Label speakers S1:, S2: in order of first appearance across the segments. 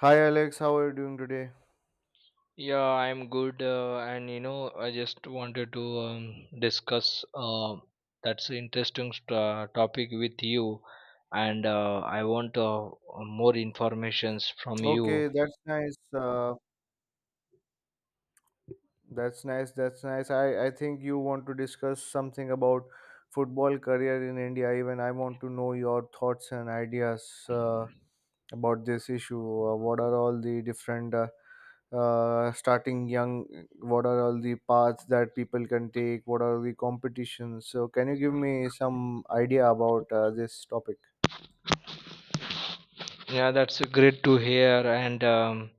S1: Hi Alex, how are you doing today?
S2: Yeah, I'm good, and I just wanted to discuss that's an interesting topic with you, and I want more informations from you.
S1: Okay, that's nice. That's nice. That's nice. I think you want to discuss something about football career in India. Even I want to know your thoughts and ideas about this issue. What are all the different starting young? What are all the paths that people can take? What are the competitions? So can you give me some idea about this topic?
S2: Yeah, that's great to hear. And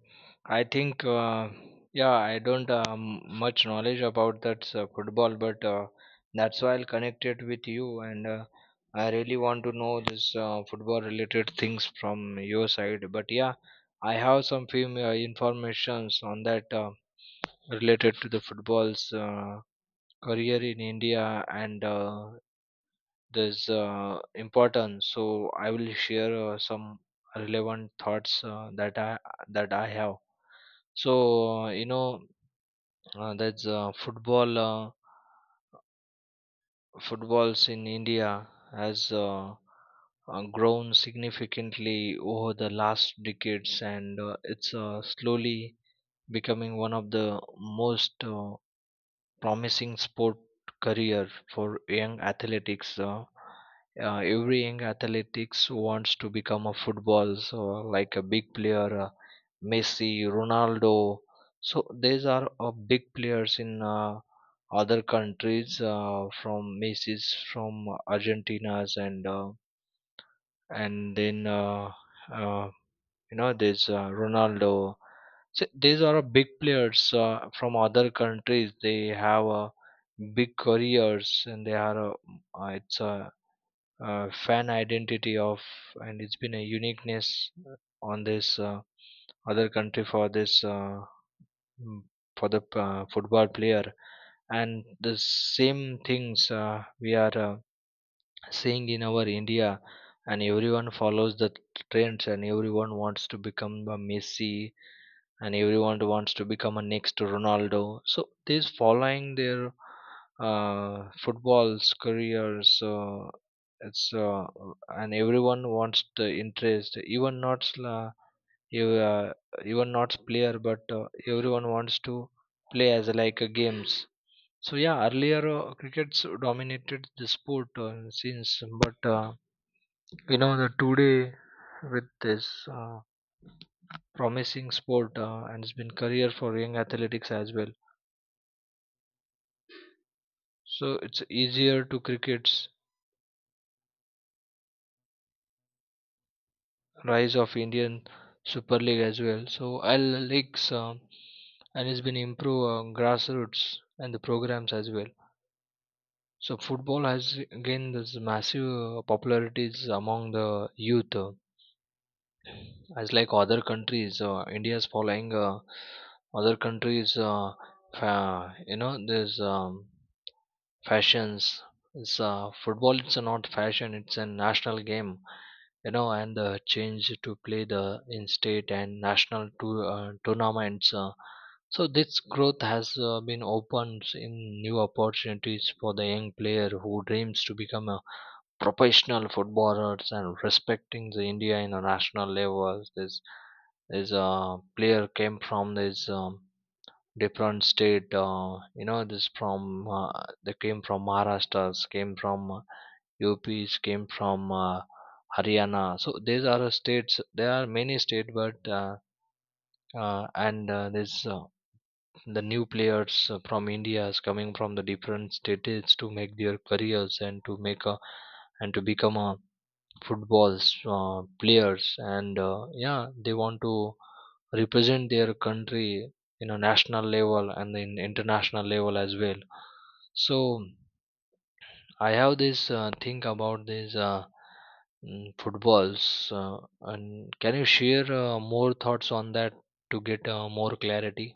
S2: I think, yeah, I don't much knowledge about that football, but that's why I'll connect it with you. And I really want to know this football related things from your side. But yeah, I have some few informations on that related to the football's career in India and this importance. So I will share some relevant thoughts that I have. So you know that's football footballs in India has grown significantly over the last decades, and it's slowly becoming one of the most promising sport career for young athletics. Every young athletics wants to become a football, so like a big player, Messi, Ronaldo. So these are big players in other countries, from Messi's, from Argentina's, and then uh, you know there's Ronaldo. So these are big players from other countries. They have big careers, and they are, it's a, fan identity of, and it's been a uniqueness uh, on this other country for this, mm, for the football player. And the same things we are seeing in our India, and everyone follows the trends, and everyone wants to become a Messi, and everyone wants to become a next Ronaldo. So these following their football's careers. It's And everyone wants the interest. Ev- uh, Even not player, but everyone wants to play as like a games. So yeah, earlier crickets dominated the sport since, but you know the today with this, uh, promising sport and it's been career for young athletics as well. So it's easier to cricket's rise of Indian Super League as well. So I'll leagues and it's been improve grassroots and the programs as well. So football has gained this massive popularities among the youth. As like other countries, India is following other countries you know there's fashions. It's football, it's not fashion, it's a national game, you know. And change to play the in state and national to, tournaments. So this growth has been opened in new opportunities for the young player who dreams to become a professional footballers and respecting the India in a national levels. This player came from this different state. This from they came from Maharashtra, came from UPs, came from Haryana. So these are the states. There are many states, but and this the new players from India is coming from the different states to make their careers, and to make a, and to become a footballs players. And yeah, they want to represent their country in a national level and in international level as well. So I have this thing about these, footballs. uh, and can you share more thoughts on that to get more clarity?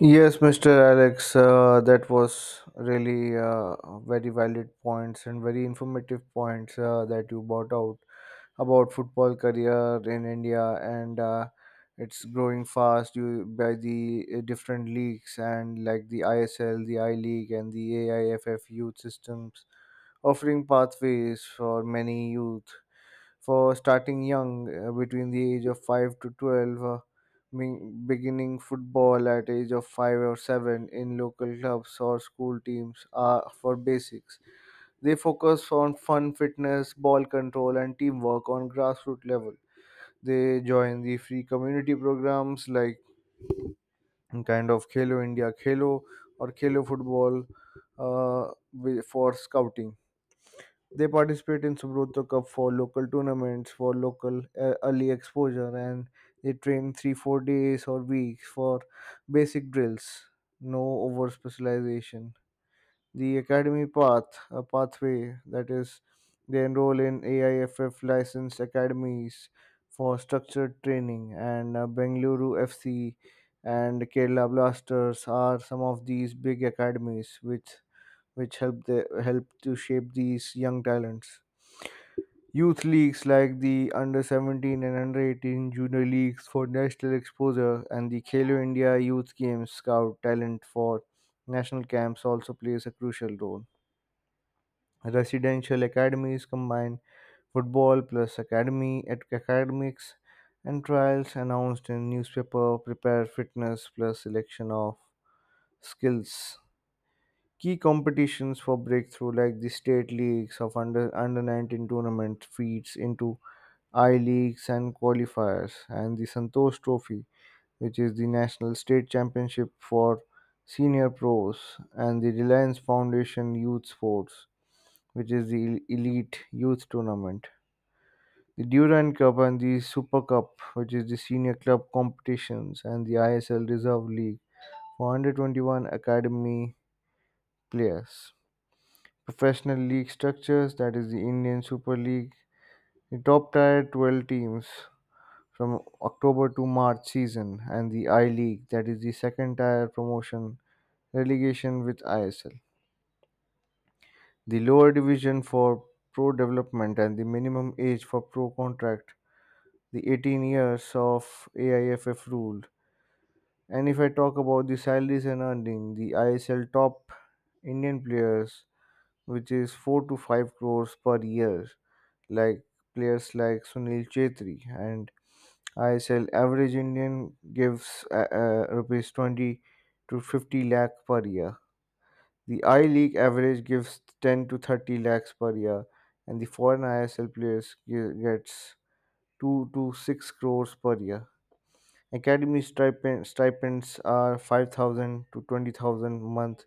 S1: Yes, Mr. Alex, that was really very valid points and very informative points that you brought out about football career in India, and it's growing fast you, by the different leagues and like the ISL, the I League, and the AIFF youth systems offering pathways for many youth for starting young between the age of 5 to 12, beginning football at age of 5 or 7 in local clubs or school teams are for basics. They focus on fun fitness ball control and teamwork on grassroots level. They join the free community programs like kind of Khelo India Khelo or Khelo Football, uh, for scouting. They participate in Subroto Cup for local tournaments, for local early exposure, and they train 3, 4 days or weeks for basic drills. No over specialization. The academy path, a pathway that is, they enroll in AIFF licensed academies for structured training, and Bengaluru FC and Kerala Blasters are some of these big academies which help the help to shape these young talents. Youth leagues like the Under 17 and Under 18 Junior Leagues for national exposure, and the Khelo India Youth Games scout talent for national camps also plays a crucial role. Residential academies combine football plus academy at academics, and trials announced in newspaper prepare fitness plus selection of skills. Key competitions for breakthrough like the state leagues of under 19 tournament feeds into I Leagues and qualifiers, and the Santosh Trophy, which is the national state championship for senior pros, and the Reliance Foundation Youth Sports, which is the elite youth tournament. The Durand Cup and the Super Cup, which is the senior club competitions, and the ISL Reserve League for 121 academy players. Professional league structures, that is the Indian Super League. The top tier 12 teams from October to March season, and the I League, that is the second tier promotion relegation with ISL. The lower division for pro development, and the minimum age for pro contract, the 18 years of AIFF rule. And if I talk about the salaries and earning, the ISL top Indian players, which is 4 to 5 crores per year, like players like Sunil Chetri, and ISL average Indian gives rupees 20 to 50 lakh per year. The I League average gives 10 to 30 lakhs per year, and the foreign ISL players gets 2 to 6 crores per year. Academy stipend, stipends are 5,000 to 20,000 a month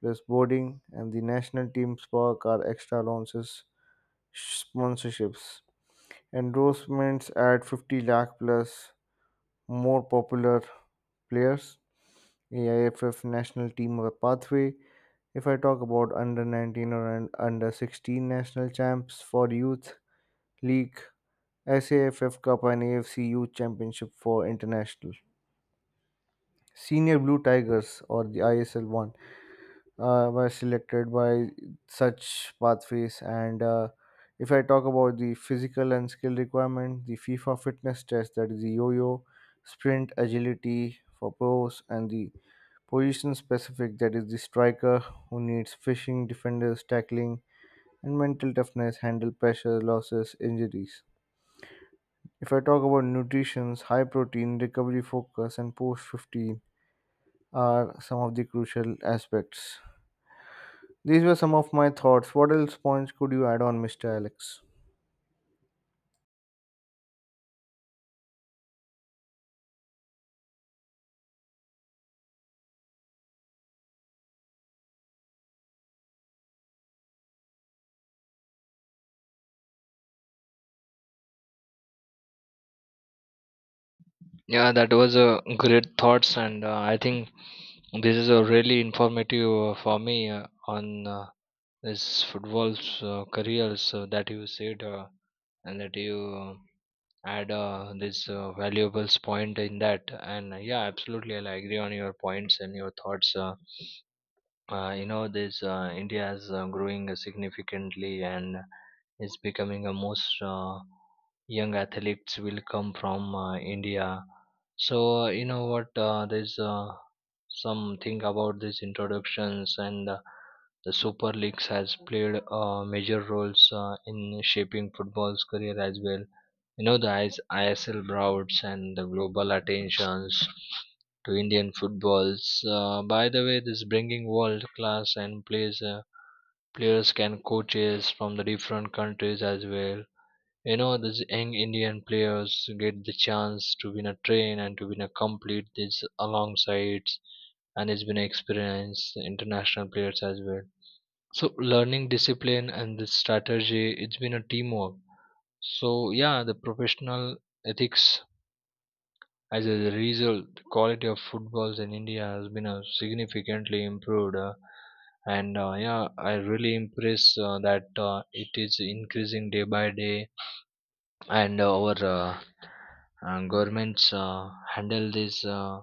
S1: plus boarding, and the national team work are extra allowances, sponsorships endorsements at 50 lakh plus more popular players. AIFF national team pathway, if I talk about under 19 or under 16 national champs for youth league, SAFF cup and AFC youth championship for international, senior blue tigers or the ISL1 were selected by such pathways. And if I talk about the physical and skill requirement, the FIFA fitness test, that is the yo-yo, sprint agility for pros, and the position specific, that is the striker who needs fishing, defenders, tackling, and mental toughness, handle pressure, losses, injuries. If I talk about nutrition, high protein, recovery focus, and post 15 are some of the crucial aspects. These were some of my thoughts. What else points could you add on, Mr. Alex?
S2: Yeah, that was a great thoughts, and I think this is a really informative for me on uh, this football's careers that you said. And that you add this valuables point in that. And yeah, absolutely, I agree on your points and your thoughts. You know this, India is growing significantly, and is becoming a most young athletes will come from India. So you know what, there's something about these introductions. And the super leagues has played major roles in shaping football's career as well. You know, the ISL crowds and the global attentions to Indian footballs. By the way, this bringing world class and plays players can coaches from the different countries as well. You know, these young Indian players get the chance to win a train and to win a complete this alongside, and it's been experience international players as well. So learning discipline and the strategy, it's been a teamwork. So yeah, the professional ethics. As a result, the quality of footballs in India has been significantly improved, and yeah, I really impressed that it is increasing day by day, and our governments handle these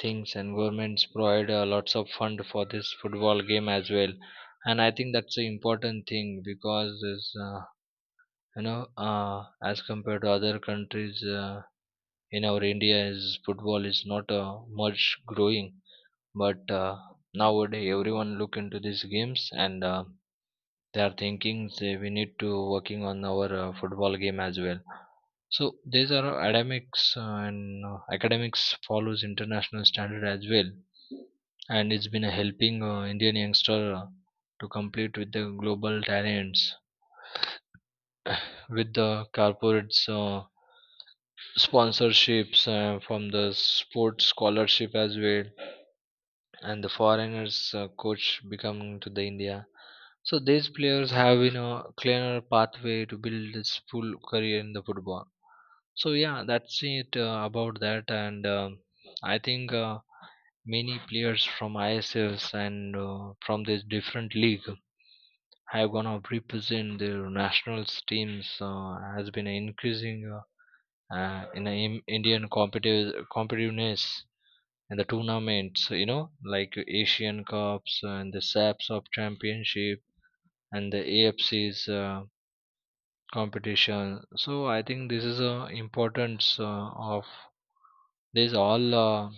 S2: things, and governments provide lots of fund for this football game as well, and I think that's an important thing because this. As compared to other countries, in our India is football is not much growing, but nowadays everyone look into these games, and they are thinking say we need to working on our football game as well. So these are academics, and academics follows international standard as well, and it's been helping Indian youngster to compete with the global talents with the corporates sponsorships from the sports scholarship as well, and the foreigners coach becoming to the India. So these players have, you know, clearer pathway to build his full career in the football. So yeah, that's it about that. And I think many players from ISFs and from this different league have gonna represent their national teams. Has been increasing in the Indian competitive competitiveness and the tournaments, you know, like Asian cups and the saps of championship and the AFC's competition. So I think this is a importance of these all,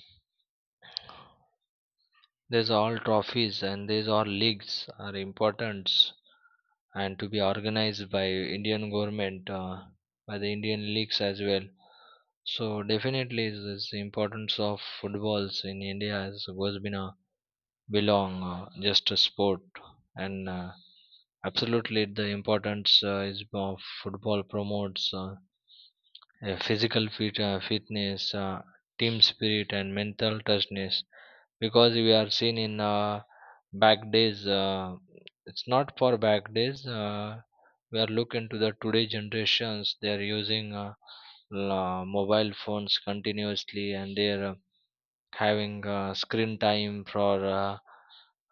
S2: these all trophies and these all leagues are importance and to be organized by Indian government, by the Indian leagues as well. So definitely this importance of footballs in India has goes been a belong just a sport. And absolutely the importance is of football promotes a physical fitness, team spirit and mental toughness, because we are seen in back days. It's not for back days. We are looking to the today generations. They are using mobile phones continuously, and their having screen time for uh,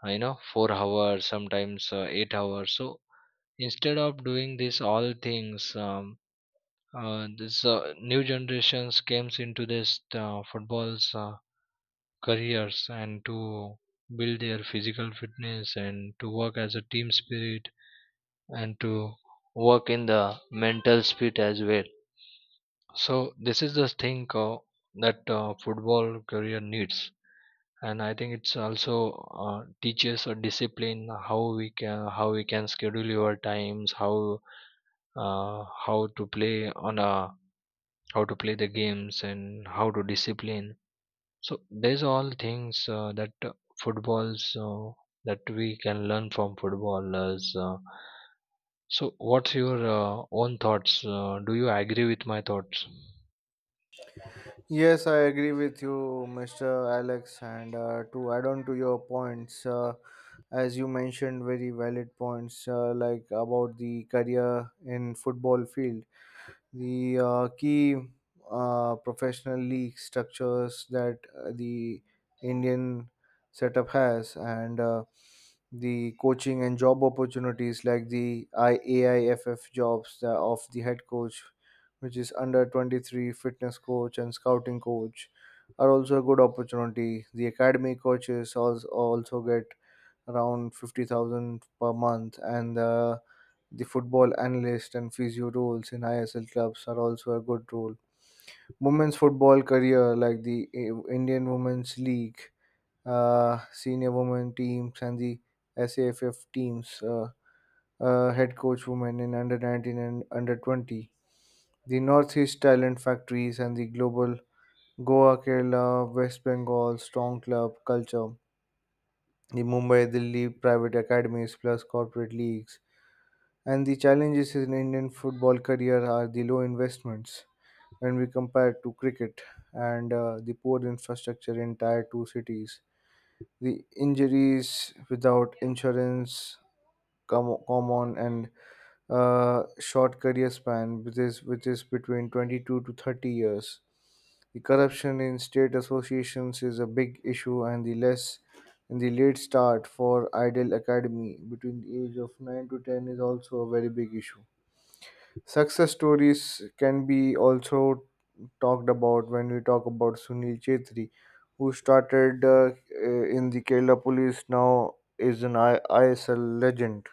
S2: you know 4 hours, sometimes 8 hours. So instead of doing this all things, this new generations comes into this football's careers, and to build their physical fitness and to work as a team spirit and to work in the mental spirit as well. So this is the thing that football career needs, and I think it's also teaches a discipline, how we can, how we can schedule our times, how to play on a, how to play the games and how to discipline. So there's all things that footballs that we can learn from footballers. So what's your own thoughts? Do you agree with my thoughts?
S1: Yes, I agree with you, Mr. Alex. And to add on to your points, as you mentioned, very valid points like about the career in football field. The key professional league structures, that the Indian setup has, and the coaching and job opportunities like the IAIFF jobs of the head coach, which is under 23 fitness coach and scouting coach, are also a good opportunity. The academy coaches also get around 50,000 per month, and the football analyst and physio roles in ISL clubs are also a good role. Women's football career like the Indian Women's League, senior women teams and the SAFF teams, head coach women in under 19 and under 20. The Northeast Talent Factories and the Global Goa, Kerala, West Bengal Strong Club Culture, the Mumbai Delhi private academies plus corporate leagues. And the challenges in Indian football career are the low investments when we compare to cricket, and the poor infrastructure in tier 2 cities. The injuries without insurance come common, and short career span which is between 22 to 30 years. The corruption in state associations is a big issue, and the less and the late start for idle academy between the age of 9 to 10 is also a very big issue. Success stories can be also talked about when we talk about Sunil Chetri, who started in the Kerala police, now is an ISL legend.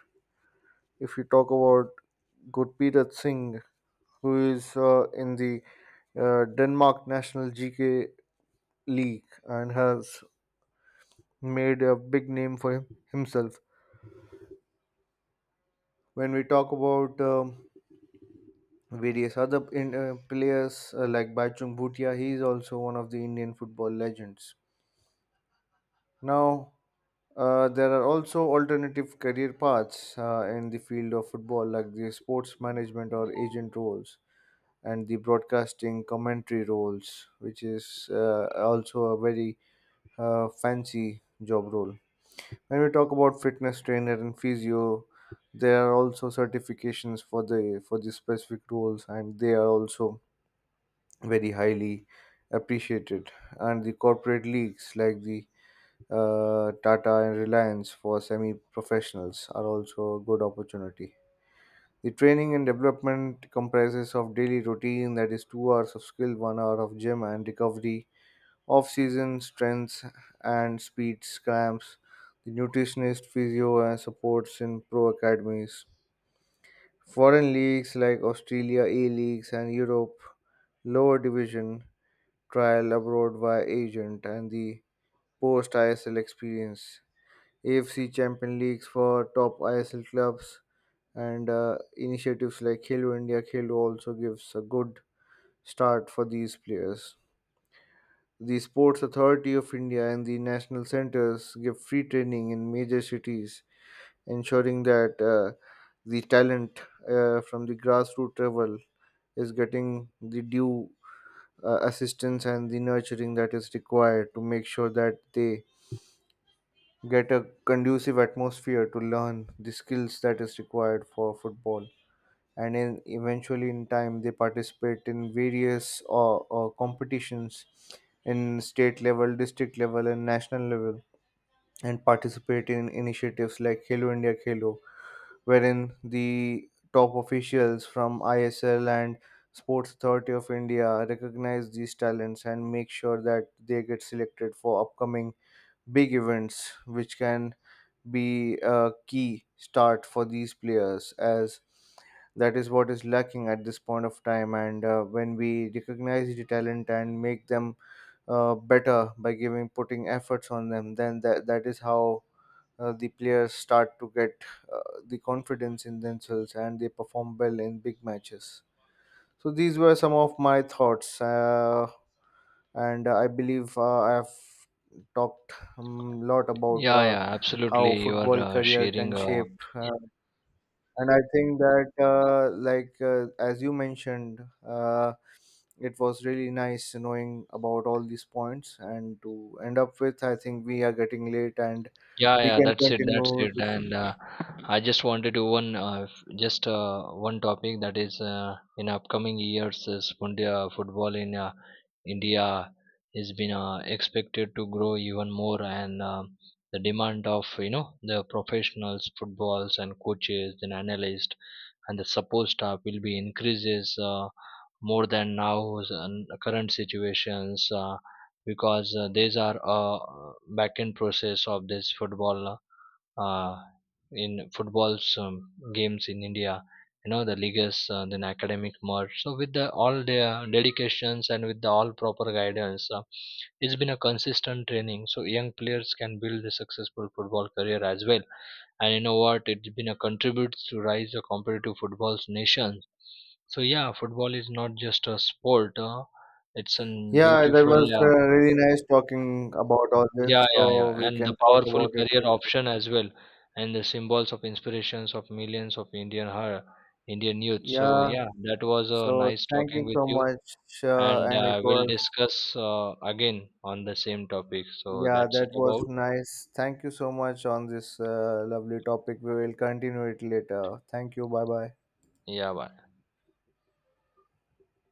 S1: If we talk about Gurpreet Singh, who is in the Denmark National GK League and has made a big name for himself. When we talk about various other players like Baichung Bhutia, he is also one of the Indian football legends. Now, there are also alternative career paths in the field of football, like the sports management or agent roles, and the broadcasting commentary roles, which is also a very fancy job role. When we talk about fitness trainer and physio, there are also certifications for the specific roles, and they are also very highly appreciated. And the corporate leagues like the Tata and Reliance for semi professionals are also a good opportunity. The training and development comprises of daily routine, that is 2 hours of skill, 1 hour of gym and recovery, off season strengths and speed scramps, the nutritionist, physio and supports in pro academies. Foreign leagues like Australia A leagues and Europe lower division trial abroad via agent, and the post ISL experience, AFC Champion Leagues for top ISL clubs, and initiatives like Khelo India Khelo also gives a good start for these players. The Sports Authority of India and the national centers give free training in major cities, ensuring that the talent from the grassroots level is getting the due assistance and the nurturing that is required to make sure that they get a conducive atmosphere to learn the skills that is required for football, and eventually in time they participate in various competitions in state level, district level and national level, and participate in initiatives like Halo India Khelo, wherein the top officials from ISL and Sports Authority of India recognize these talents and make sure that they get selected for upcoming big events, which can be a key start for these players, as that is what is lacking at this point of time. And when we recognize the talent and make them better by giving putting efforts on them, then that is how the players start to get uh, the confidence in themselves, and they perform well in big matches. So these were some of my thoughts, and I believe I have talked a lot about
S2: Yeah, yeah,
S1: how
S2: absolutely. You are
S1: football career can
S2: sharing. Uh,
S1: shape, and I think that, as you mentioned, it was really nice knowing about all these points, and to end up with, I think we are getting late, and
S2: yeah,
S1: we
S2: yeah,
S1: can
S2: that's it, that's
S1: continue
S2: it.
S1: this.
S2: And I just wanted to one, f- just one topic that is in upcoming years, is India football in India has been expected to grow even more, and the demand of the professionals, footballs, and coaches, and analysts, and the support staff will be increases. More than now's and current situations, because these are back end process of this football uh, in football's games in India. You know the leagues, then academic merge. So with the all their dedications and with the all proper guidance, it's been a consistent training. So young players can build a successful football career as well. And you know what? It's been a contribute to rise a competitive football's nation. So yeah, football is not just a sport. It's a
S1: Yeah, that
S2: beautiful,
S1: was
S2: uh,
S1: really nice talking about all this,
S2: yeah,
S1: so we
S2: and the
S1: can talk
S2: powerful
S1: about it
S2: career
S1: later.
S2: option as well, and the symbols of inspirations of millions of Indian heart, Indian youth. So
S1: Yeah,
S2: yeah, that was a
S1: so
S2: nice
S1: thank
S2: talking
S1: you
S2: with
S1: so
S2: you,
S1: much. Uh,
S2: and
S1: and it
S2: we'll
S1: was,
S2: discuss again on the same topic. So
S1: yeah,
S2: that's
S1: that
S2: it
S1: was
S2: about.
S1: nice. Thank you so much on this lovely topic. We will continue it later. Thank you. Bye bye.
S2: Yeah, bye.